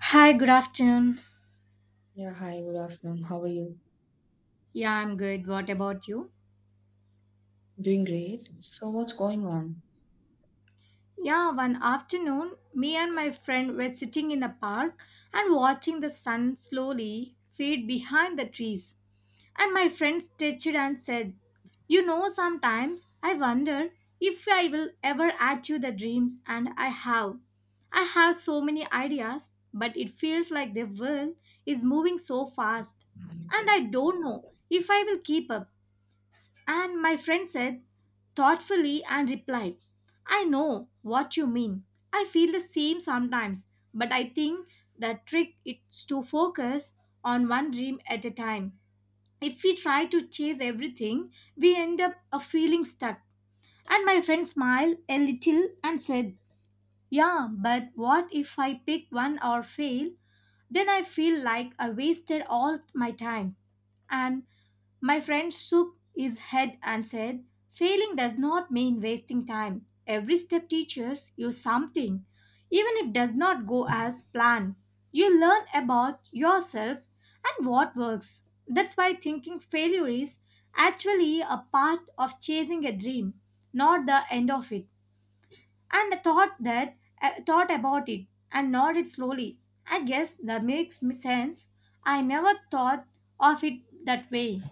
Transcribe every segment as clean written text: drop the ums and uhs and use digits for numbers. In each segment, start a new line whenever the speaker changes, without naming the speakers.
Hi, good afternoon.
Yeah, hi, good afternoon. How are you?
Yeah, I'm good. What about you?
Doing great. So, what's going on?
Yeah, one afternoon, me and my friend were sitting in the park and watching the sun slowly fade behind the trees. And my friend stitched and said, you know, sometimes I wonder if I will ever achieve the dreams, and I have. I have so many ideas, but it feels like the world is moving so fast, and I don't know if I will keep up. And my friend said thoughtfully and replied, I know what you mean. I feel the same sometimes, but I think the trick is to focus on one dream at a time. If we try to chase everything, we end up feeling stuck. And my friend smiled a little and said, yeah, but what if I pick one or fail? Then I feel like I wasted all my time. And my friend shook his head and said, failing does not mean wasting time. Every step teaches you something. Even if it does not go as planned, you learn about yourself and what works. That's why thinking failure is actually a part of chasing a dream, not the end of it. And I thought about it and nodded slowly. I guess that makes me sense. I never thought of it that way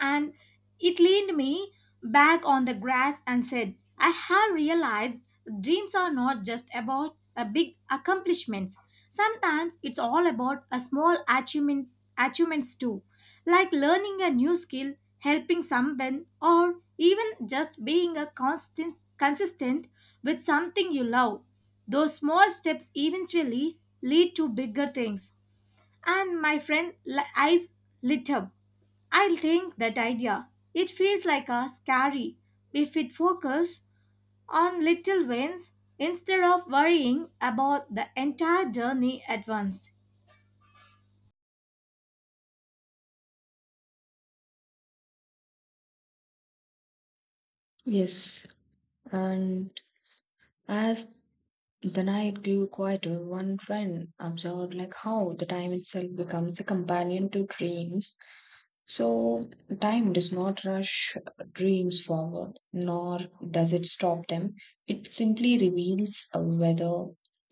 and it leaned me back on the grass and said, I have realized dreams are not just about a big accomplishments. Sometimes it's all about a small achievements too, like learning a new skill, helping someone, or even just being a constant consistent with something you love. Those small steps eventually lead to bigger things. And eyes lit up. I think that idea. It feels like a scary if it focus on little wins instead of worrying about the entire journey at once.
Yes, and as the night grew quieter, one friend observed like how the time itself becomes a companion to dreams. So time does not rush dreams forward, nor does it stop them. It simply reveals whether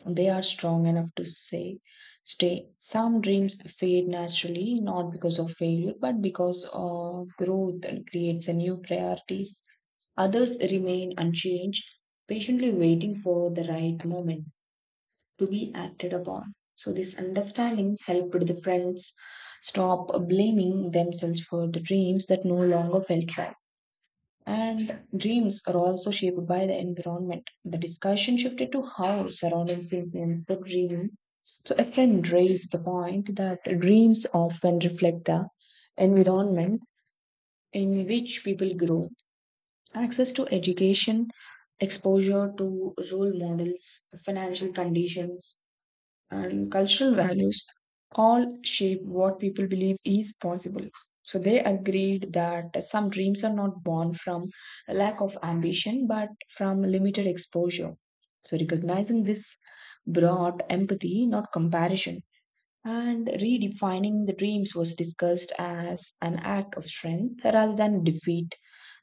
they are strong enough to say stay. Some dreams fade naturally, not because of failure, but because of growth and creates a new priorities. Others remain unchanged, patiently waiting for the right moment to be acted upon. So, this understanding helped the friends stop blaming themselves for the dreams that no longer felt right. And dreams are also shaped by the environment. The discussion shifted to how surroundings influence the dream. So, a friend raised the point that dreams often reflect the environment in which people grow. Access to education, exposure to role models, financial conditions, and cultural values all shape what people believe is possible. So they agreed that some dreams are not born from a lack of ambition but from limited exposure. So recognizing this brought empathy, not comparison. And redefining the dreams was discussed as an act of strength rather than defeat.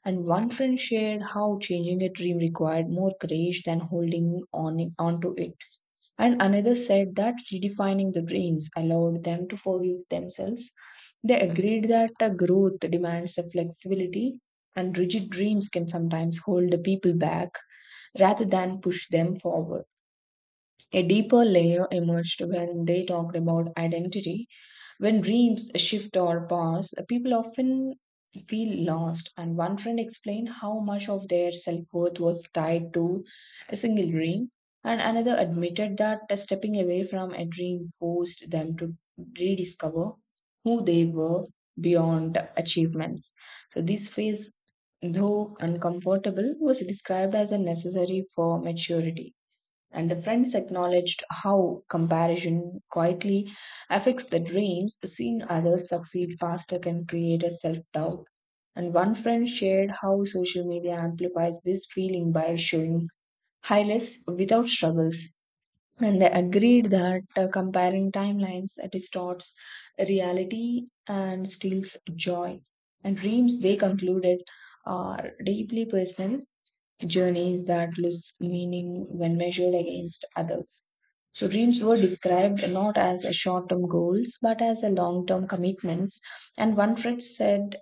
And one friend shared how changing a dream required more courage than holding on onto it. And another said that redefining the dreams allowed them to forgive themselves. They agreed that growth demands a flexibility, and rigid dreams can sometimes hold the people back rather than push them forward. A deeper layer emerged when they talked about identity when dreams shift or pass, people often feel lost. And one friend explained how much of their self worth was tied to a single dream, and another admitted that stepping away from a dream forced them to rediscover who they were beyond achievements. So, this phase, though uncomfortable, was described as a necessary for maturity, and the friends acknowledged how comparison quietly affects the dreams. Seeing others succeed faster can create a self doubt. And one friend shared how social media amplifies this feeling by showing highlights without struggles. And they agreed that comparing timelines distorts reality and steals joy. And dreams, they concluded, are deeply personal journeys that lose meaning when measured against others. So, dreams were described not as a short term goals but as a long term commitments. And one Fritz said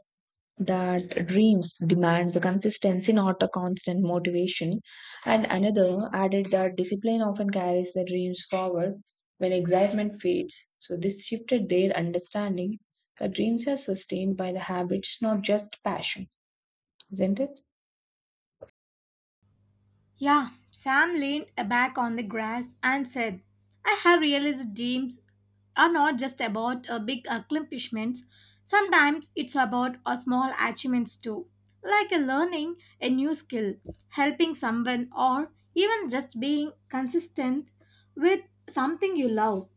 that dreams demand the consistency, not a constant motivation. And another added that discipline often carries the dreams forward when excitement fades. So, this shifted their understanding that dreams are sustained by the habits, not just passion, isn't it?
Yeah, Sam leaned back on the grass and said, I have realized dreams are not just about big accomplishments. Sometimes it's about small achievements too, like learning a new skill, helping someone, or even just being consistent with something you love.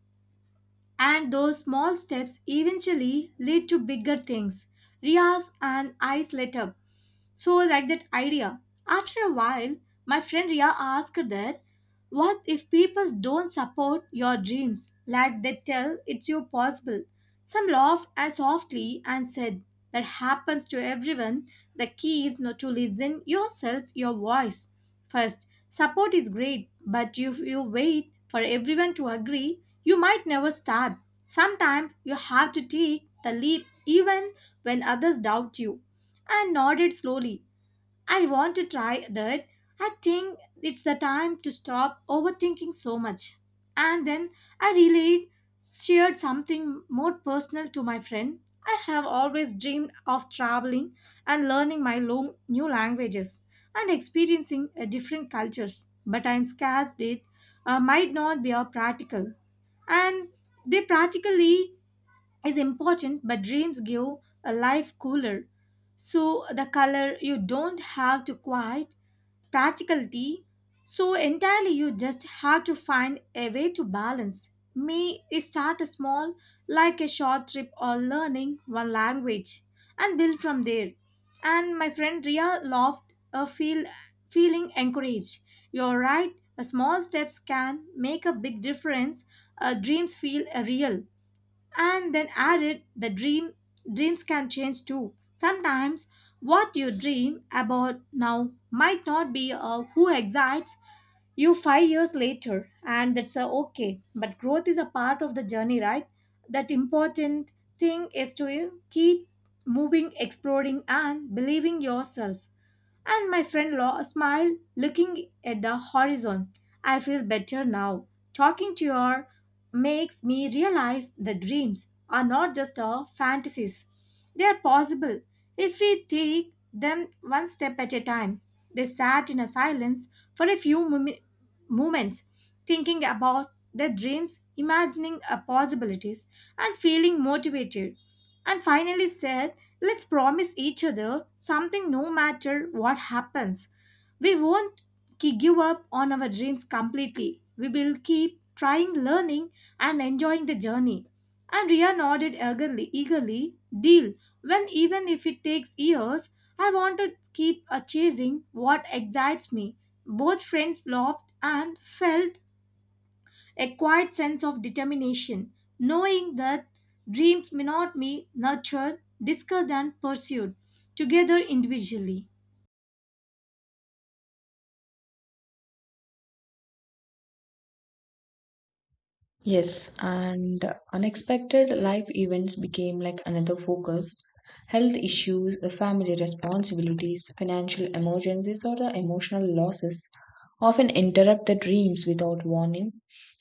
And those small steps eventually lead to bigger things. Ria's and I lit up so I like that idea. After a while, my friend Ria asked that what if people don't support your dreams like they tell it's your possible? Some laughed as softly and said that happens to everyone. The key is not to listen yourself, your voice. First, support is great, but if you wait for everyone to agree, you might never start. Sometimes you have to take the leap even when others doubt you and nodded slowly. I want to try that. I think it's the time to stop overthinking so much. And then I relayed, shared something more personal to my friend. I have always dreamed of traveling and learning new languages and experiencing different cultures, but I'm scared it might not be a practical. And they practically is important, but dreams give a life cooler. So the color you don't have to quite practicality. So entirely you just have to find a way to balance. May start small, like a short trip or learning one language, and build from there. And my friend Ria laughed, a feel feeling encouraged. You're right. A small steps can make a big difference. Dreams feel real and then added the dreams can change too sometimes what you dream about now might not be who excites you 5 years later, and that's okay, but growth is a part of the journey, right? That important thing is to keep moving exploring and believing yourself and smiled, looking at the horizon. I feel better now. Talking to her makes me realize that dreams are not just our fantasies. They are possible if we take them one step at a time. They sat in a silence for a few moments, thinking about their dreams, imagining a possibilities, and feeling motivated. And finally said, let's promise each other something no matter what happens. We won't give up on our dreams completely. We will keep trying, learning, and enjoying the journey. And Ria nodded eagerly, deal. When even if it takes years, I want to keep chasing what excites me. Both friends laughed and felt a quiet sense of determination, knowing that dreams may not be nurtured, discussed, and pursued together individually.
Yes, and unexpected life events became like another focus. Health issues, the family responsibilities, financial emergencies, or the emotional losses often interrupt the dreams without warning,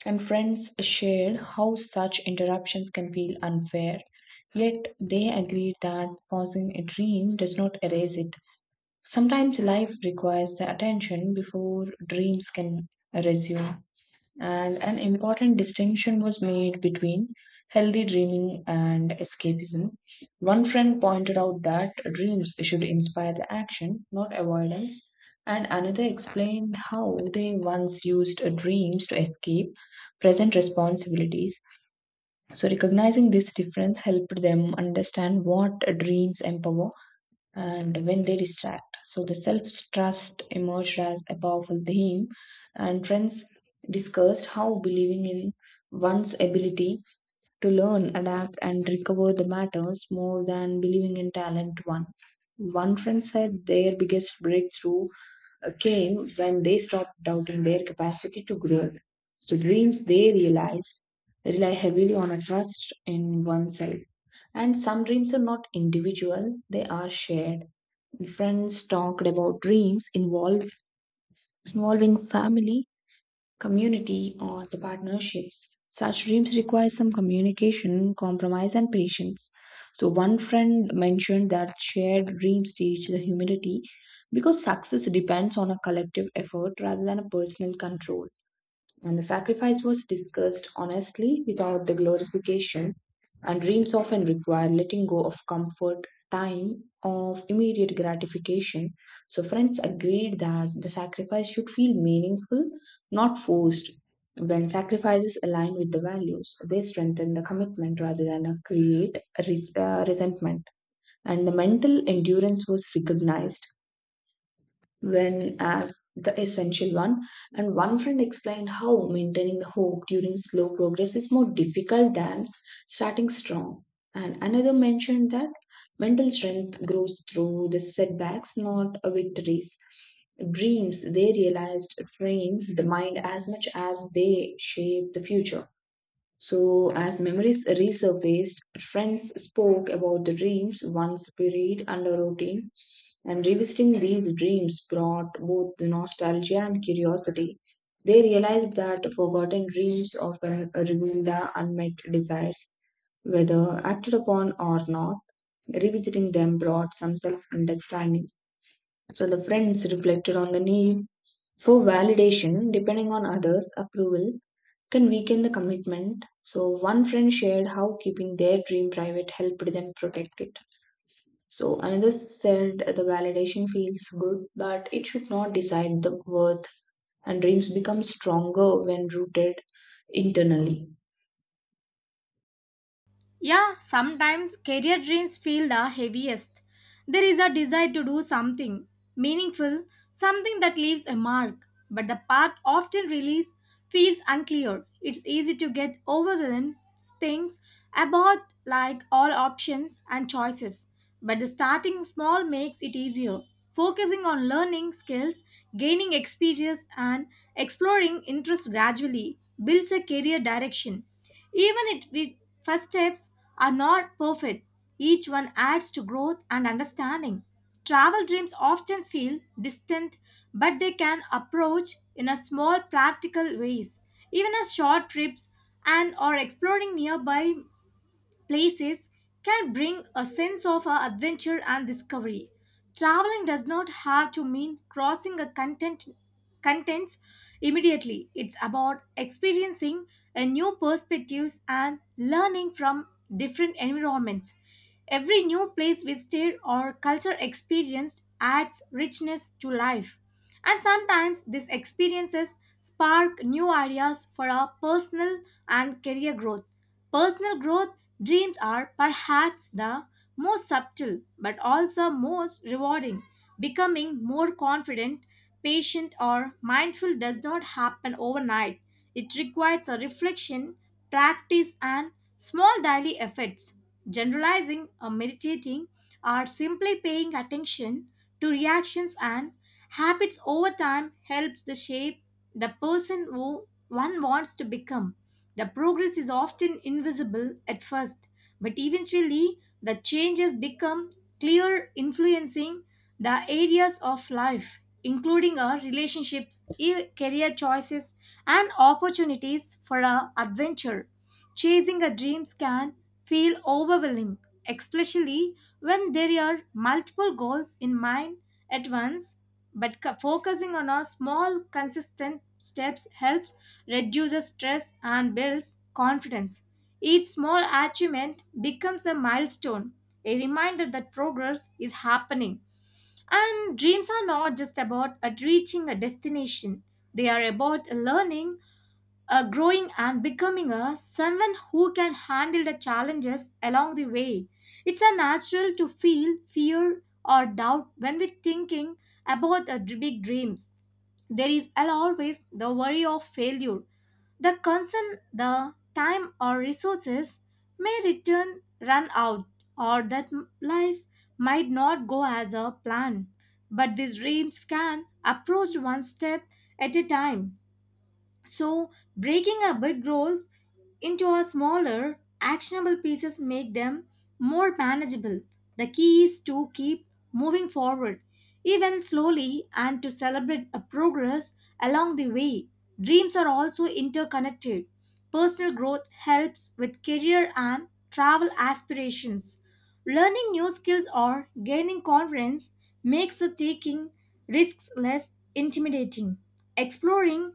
and friends shared how such interruptions can feel unfair. Yet they agreed that pausing a dream does not erase it. Sometimes life requires the attention before dreams can resume. And an important distinction was made between healthy dreaming and escapism. One friend pointed out that dreams should inspire the action, not avoidance, and another explained how they once used dreams to escape present responsibilities. So, recognizing this difference helped them understand what dreams empower and when they distract. So the self trust emerged as a powerful theme, and friends discussed how believing in one's ability to learn, adapt, and recover the matters more than believing in talent one. One friend said their biggest breakthrough came when they stopped doubting their capacity to grow. So dreams they realized rely heavily on a trust in oneself. And some dreams are not individual, they are shared. Friends talked about involving family, community, or the partnerships. Such dreams require some communication, compromise, and patience. So, one friend mentioned that shared dreams teach the humility because success depends on a collective effort rather than a personal control. And the sacrifice was discussed honestly without the glorification, and dreams often require letting go of comfort, time, of immediate gratification. So, friends agreed that the sacrifice should feel meaningful, not forced. When sacrifices align with the values, they strengthen the commitment rather than create resentment. And the mental endurance was recognized when as the essential one. And one friend explained how maintaining the hope during slow progress is more difficult than starting strong. And another mentioned that mental strength grows through the setbacks, not victories. Dreams, they realized, frames the mind as much as they shape the future. So, as memories resurfaced, friends spoke about the dreams once buried under routine, and revisiting these dreams brought both nostalgia and curiosity. They realized that forgotten dreams often reveal the unmet desires, whether acted upon or not. Revisiting them brought some self understanding. So, the friends reflected on the need for validation depending on others' approval can weaken the commitment. So, one friend shared how keeping their dream private helped them protect it. So, another said the validation feels good, but it should not decide the worth, and dreams become stronger when rooted internally.
Yeah, sometimes career dreams feel the heaviest. There is a desire to do something meaningful, something that leaves a mark, but the path often released feels unclear. It's easy to get overwhelmed, things about like all options and choices, but the starting small makes it easier. Focusing on learning skills, gaining experience, and exploring interests gradually builds a career direction. Even if the first steps are not perfect, each one adds to growth and understanding. Travel dreams often feel distant, but they can approach in a small practical ways. Even as short trips and or exploring nearby places can bring a sense of adventure and discovery. Traveling does not have to mean crossing a contents immediately. It's about experiencing a new perspectives and learning from different environments. Every new place visited or culture experienced adds richness to life. And sometimes these experiences spark new ideas for our personal and career growth. Personal growth dreams are perhaps the most subtle but also most rewarding. Becoming more confident, patient, or mindful does not happen overnight. It requires a reflection, practice, and small daily efforts. Generalizing or meditating or simply paying attention to reactions and habits over time helps to shape the person who one wants to become. The progress is often invisible at first, but eventually the changes become clear, influencing the areas of life, including our relationships, career choices, and opportunities for our adventure. Chasing our dreams can feel overwhelming, especially when there are multiple goals in mind at once, but focusing on our small, consistent steps helps reduces stress, and builds confidence. Each small achievement becomes a milestone, a reminder that progress is happening. And dreams are not just about reaching a destination, they are about learning, growing, and becoming a someone who can handle the challenges along the way. It's a natural to feel fear or doubt when we're thinking about big dreams. There is always the worry of failure, the concern the time or resources may return run out or that life might not go as a plan. But these dreams can approach one step at a time. So breaking a big goal into a smaller, actionable pieces make them more manageable. The key is to keep moving forward, even slowly, and to celebrate a progress along the way. Dreams are also interconnected. Personal growth helps with career and travel aspirations. Learning new skills or gaining confidence makes the taking risks less intimidating. Exploring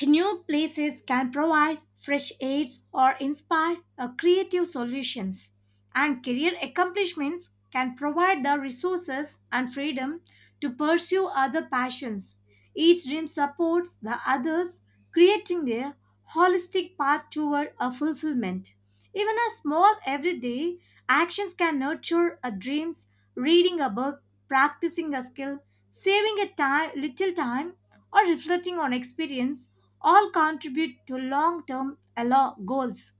new places can provide fresh aids or inspire creative solutions, and career accomplishments can provide the resources and freedom to pursue other passions. Each dream supports the others, creating a holistic path toward a fulfillment. Even a small everyday actions can nurture a dreams, reading a book, practicing a skill, saving a time, little time or reflecting on experience all contribute to long term goals.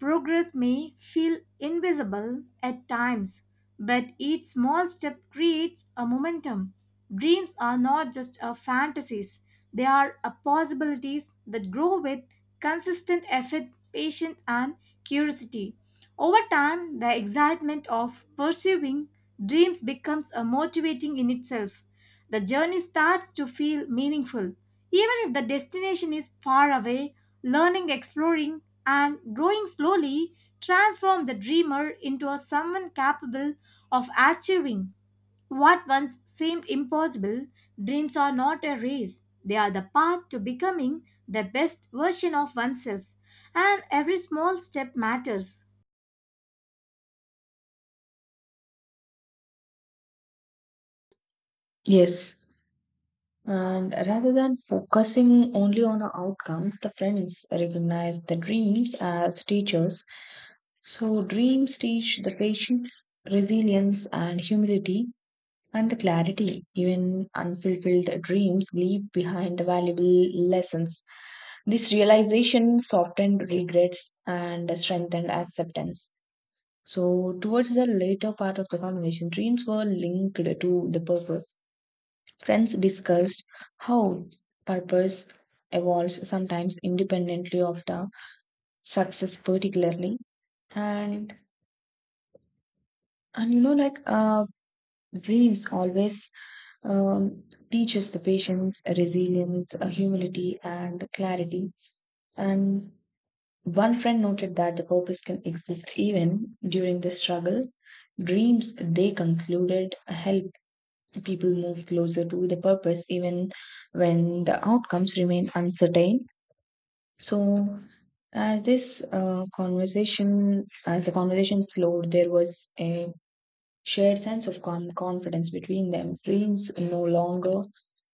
Progress may feel invisible at times, but each small step creates a momentum. Dreams are not just a fantasies, they are a possibilities that grow with consistent effort, patience and curiosity. Over time, the excitement of pursuing dreams becomes a motivating in itself. The journey starts to feel meaningful. Even if the destination is far away, learning, exploring, and growing slowly transform the dreamer into a someone capable of achieving what once seemed impossible. Dreams are not a race, they are the path to becoming the best version of oneself, and every small step matters.
Yes. And rather than focusing only on the outcomes, the friends recognize the dreams as teachers. So, dreams teach the patience, resilience, and humility and the clarity. Even unfulfilled dreams leave behind the valuable lessons. This realization softened regrets and strengthened acceptance. So, towards the later part of the conversation, dreams were linked to the purpose. Friends discussed how purpose evolves sometimes independently of the success, particularly. And and you know, like uh, dreams always um, teaches the patience, resilience, humility, and clarity. And one friend noted that the purpose can exist even during the struggle. Dreams, they concluded, help people move closer to the purpose even when the outcomes remain uncertain. So, as the conversation slowed, there was a shared sense of confidence between them. Dreams no longer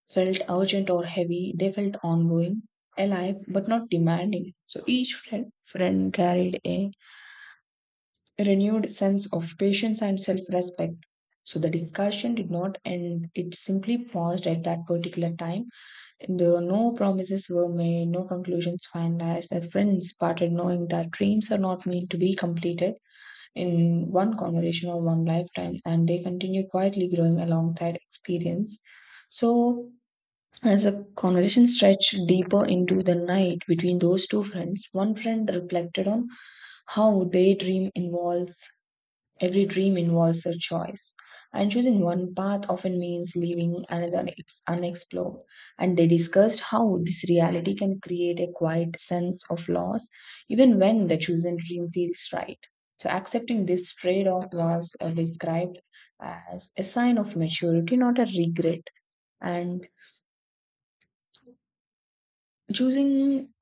felt urgent or heavy, they felt ongoing, alive, but not demanding. So each friend carried a renewed sense of patience and self respect. So the discussion did not end, it simply paused at that particular time. No promises were made, no conclusions finalized. The friends parted knowing that dreams are not meant to be completed in one conversation or one lifetime, and they continue quietly growing alongside experience. So, as the conversation stretched deeper into the night between those two friends, one friend reflected on how daydream involves every dream involves a choice, and choosing one path often means leaving another unexplored. And they discussed how this reality can create a quiet sense of loss, even when the chosen dream feels right. So, accepting this trade off was described as a sign of maturity, not a regret. And choosing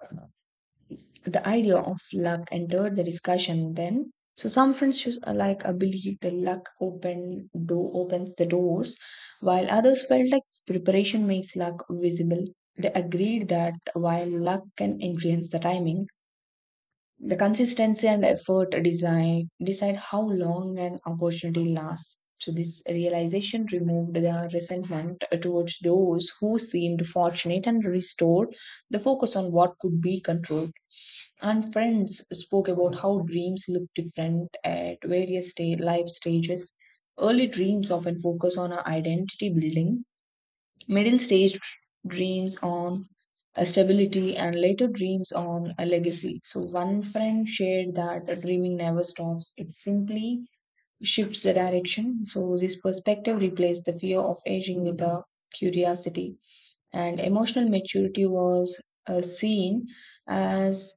the idea of luck entered the discussion then. So some friends should, like believe the luck opens the doors, while others felt like preparation makes luck visible. They agreed that while luck can influence the timing, the consistency and effort design decide how long an opportunity lasts. So this realization removed the resentment towards those who seemed fortunate and restored the focus on what could be controlled. And friends spoke about how dreams look different at various life stages. Early dreams often focus on our identity building, middle stage dreams on a stability, and later dreams on a legacy. So, one friend shared that dreaming never stops, it simply shifts the direction. So, this perspective replaced the fear of aging with a curiosity, and emotional maturity was seen as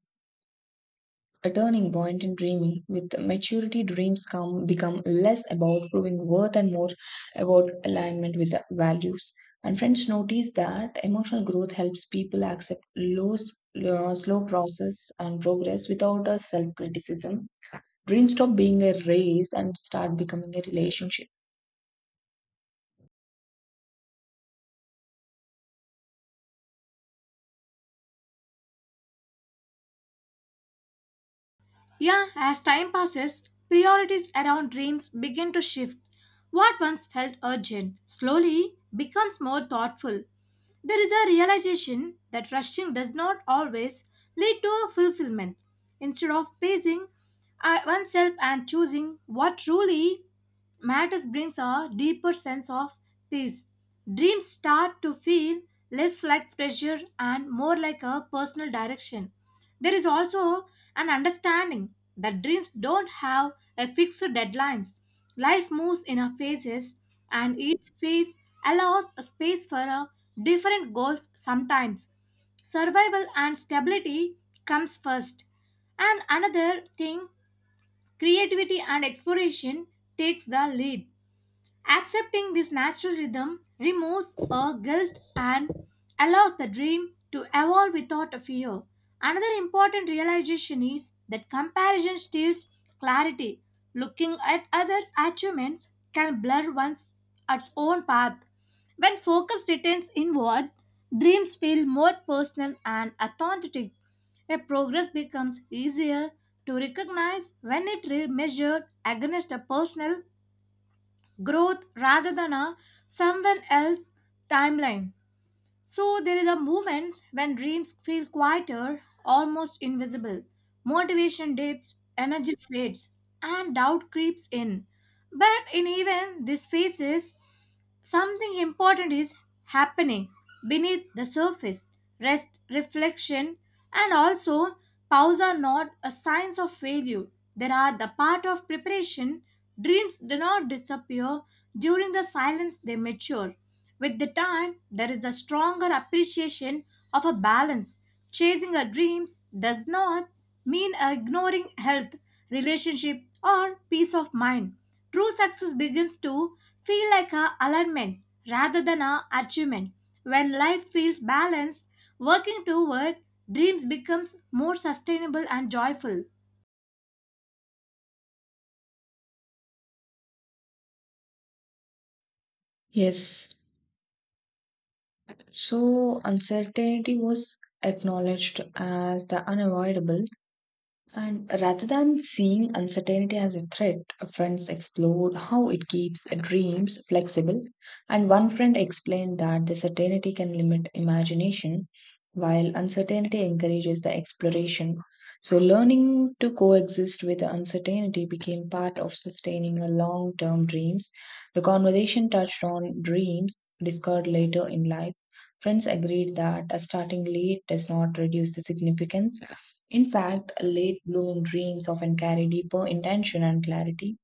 a turning point in dreaming. With maturity, dreams come become less about proving worth and more about alignment with the values. And friends, notice that emotional growth helps people accept slow process and progress without a self criticism. Dreams stop being a race and start becoming a relationship.
Yeah, as time passes, priorities around dreams begin to shift. What once felt urgent slowly becomes more thoughtful. There is a realization that rushing does not always lead to fulfillment. Instead of pacing oneself and choosing what truly matters brings a deeper sense of peace. Dreams start to feel less like pressure and more like a personal direction. There is also and understanding that dreams don't have a fixed deadlines. Life moves in our phases, and each phase allows a space for a different goals sometimes. Survival and stability comes first. And another thing, creativity and exploration takes the lead. Accepting this natural rhythm removes our guilt and allows the dream to evolve without a fear. Another important realization is that comparison steals clarity. Looking at others' achievements can blur one's its own path. When focus returns inward, dreams feel more personal and authentic. A progress becomes easier to recognize when it is measured against a personal growth rather than a someone else timeline. So there is a moment when dreams feel quieter, almost invisible. Motivation dips, energy fades, and doubt creeps in. But in even these phases, something important is happening beneath the surface. Rest, reflection, and also pause are not a signs of failure. They are the part of preparation. Dreams do not disappear during the silence; they mature. With the time, there is a stronger appreciation of a balance. Chasing our dreams does not mean ignoring health, relationship, or peace of mind. True success begins to feel like a alignment rather than a achievement. When life feels balanced, working toward dreams becomes more sustainable and joyful.
Yes, so uncertainty was acknowledged as the unavoidable. And rather than seeing uncertainty as a threat, friends explored how it keeps dreams flexible. And one friend explained that the certainty can limit imagination, while uncertainty encourages the exploration. So, learning to coexist with the uncertainty became part of sustaining a long term dreams. The conversation touched on dreams discovered later in life. Friends agreed that starting late does not reduce the significance, in fact, late blooming dreams often carry deeper intention and clarity.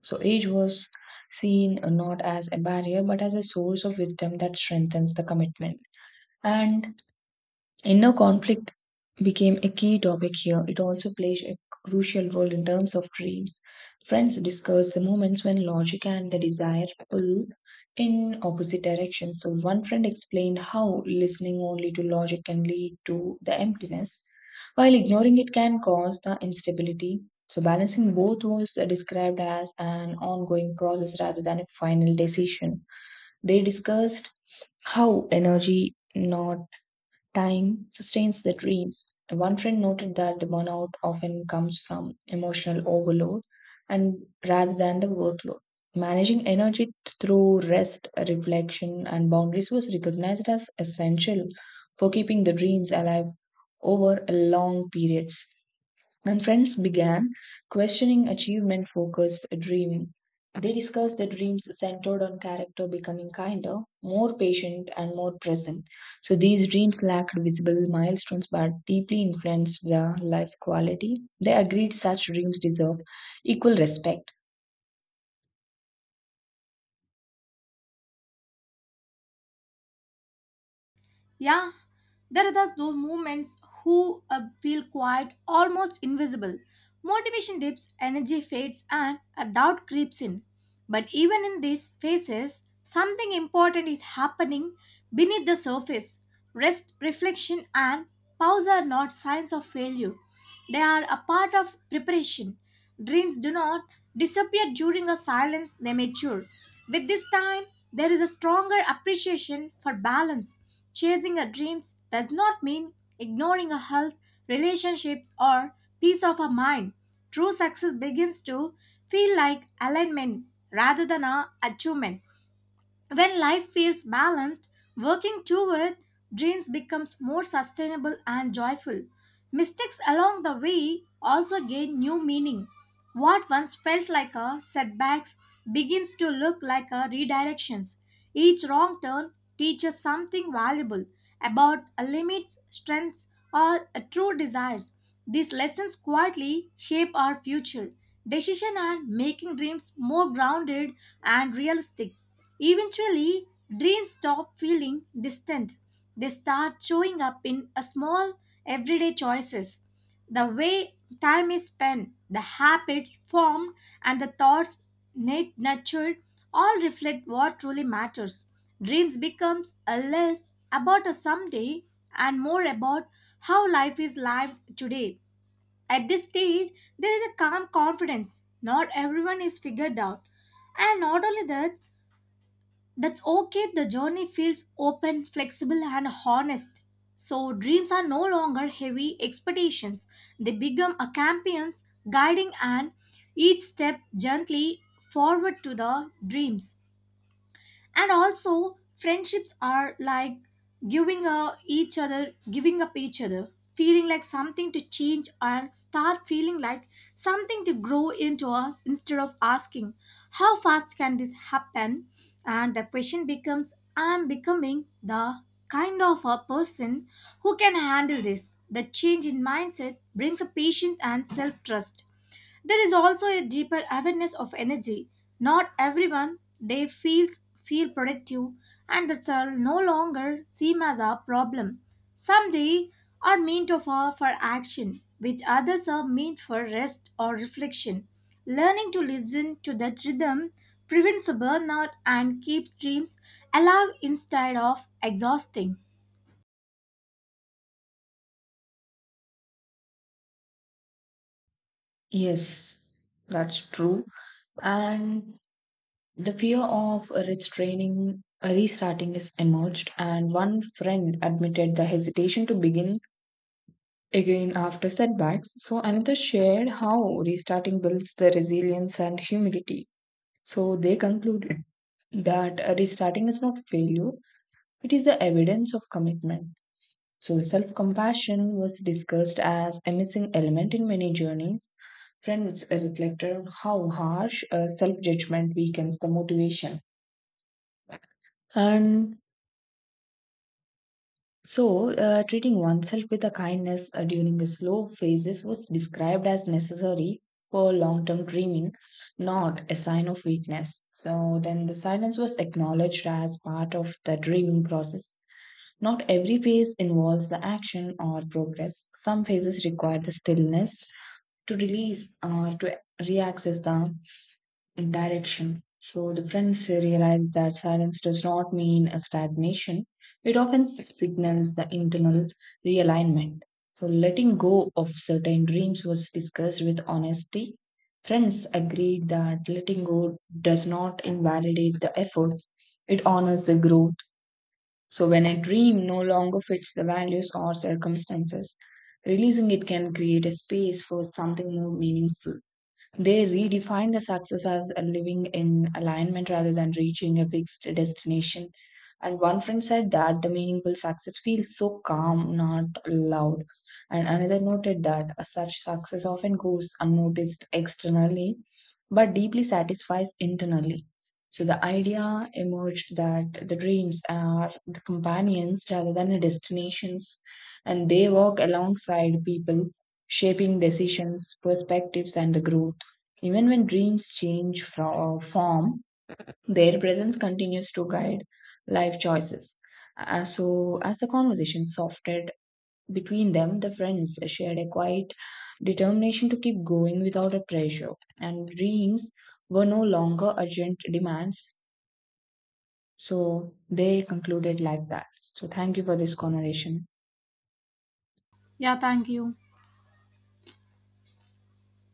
So, age was seen not as a barrier but as a source of wisdom that strengthens the commitment. And inner conflict became a key topic here. It also plays a crucial role in terms of dreams. Friends discuss the moments when logic and the desire pull in opposite directions. So, one friend explained how listening only to logic can lead to the emptiness, while ignoring it can cause the instability. So, balancing both was described as an ongoing process rather than a final decision. They discussed how energy, not time sustains the dreams. One friend noted that the burnout often comes from emotional overload and rather than the workload. Managing energy through rest, reflection, and boundaries was recognized as essential for keeping the dreams alive over long periods. And friends began questioning achievement focused dreaming. They discussed the dreams centered on character becoming kinder, more patient, and more present. So these dreams lacked visible milestones but deeply influenced the life quality. They agreed such dreams deserve equal respect.
Yeah, there are those moments who feel quiet, almost invisible. Motivation dips, energy fades, and a doubt creeps in. But even in these phases, something important is happening beneath the surface. Rest, reflection, and pause are not signs of failure. They are a part of preparation. Dreams do not disappear during a silence, they mature. With this time, there is a stronger appreciation for balance. Chasing our dreams does not mean ignoring our health, relationships, or peace of our mind. True success begins to feel like alignment rather than a achievement. When life feels balanced, working toward dreams becomes more sustainable and joyful. Mistakes along the way also gain new meaning. What once felt like a setbacks begins to look like a redirections. Each wrong turn teaches something valuable about a limits, strengths, or a true desires. These lessons quietly shape our future decision and making dreams more grounded and realistic. Eventually, dreams stop feeling distant. They start showing up in a small everyday choices. The way time is spent, the habits formed, and the thoughts nurtured all reflect what truly matters. Dreams becomes a less about a someday and more about how life is lived today. At this stage, there is a calm confidence. Not everyone is figured out. And not only that, that's okay, the journey feels open, flexible, and honest. So, dreams are no longer heavy expectations, they become a companions guiding and each step gently forward to the dreams and also friendships are like giving each other giving up each other feeling like something to change and start feeling like something to grow into us instead of asking how fast can this happen and the question becomes I'm becoming the kind of a person who can handle this. The change in mindset brings a patience and self trust. There is also a deeper awareness of energy. Not everyone they feels feel productive and that shall no longer seem as a problem. Some days are meant for action, which others are meant for rest or reflection. Learning to listen to that rhythm prevents burnout and keeps dreams alive instead of exhausting.
Yes, that's true. And the fear of restarting is emerged, and one friend admitted the hesitation to begin again after setbacks. So another shared how restarting builds the resilience and humility. So they concluded that restarting is not failure, it is the evidence of commitment. So self compassion was discussed as a missing element in many journeys. Friends reflected on how harsh self judgment weakens the motivation. And So, treating oneself with a kindness during the slow phases was described as necessary for long term dreaming, not a sign of weakness. So, then the silence was acknowledged as part of the dreaming process. Not every phase involves the action or progress. Some phases require the stillness to release or to reaccess the direction. So the friends realize that silence does not mean a stagnation. It often signals the internal realignment. So letting go of certain dreams was discussed with honesty. Friends agreed that letting go does not invalidate the effort. It honors the growth. So when a dream no longer fits the values or circumstances, releasing it can create a space for something more meaningful. They redefine the success as a living in alignment rather than reaching a fixed destination. And one friend said that the meaningful success feels so calm, not loud. And another noted that a such success often goes unnoticed externally, but deeply satisfies internally. So the idea emerged that the dreams are the companions rather than the destinations, and they work alongside people, shaping decisions, perspectives, and the growth. Even when dreams change from form, their presence continues to guide life choices. So, as the conversation softened between them, the friends shared a quiet determination to keep going without a pressure, and dreams were no longer urgent demands. So, they concluded like that. So, thank you for this conversation.
Yeah, thank you.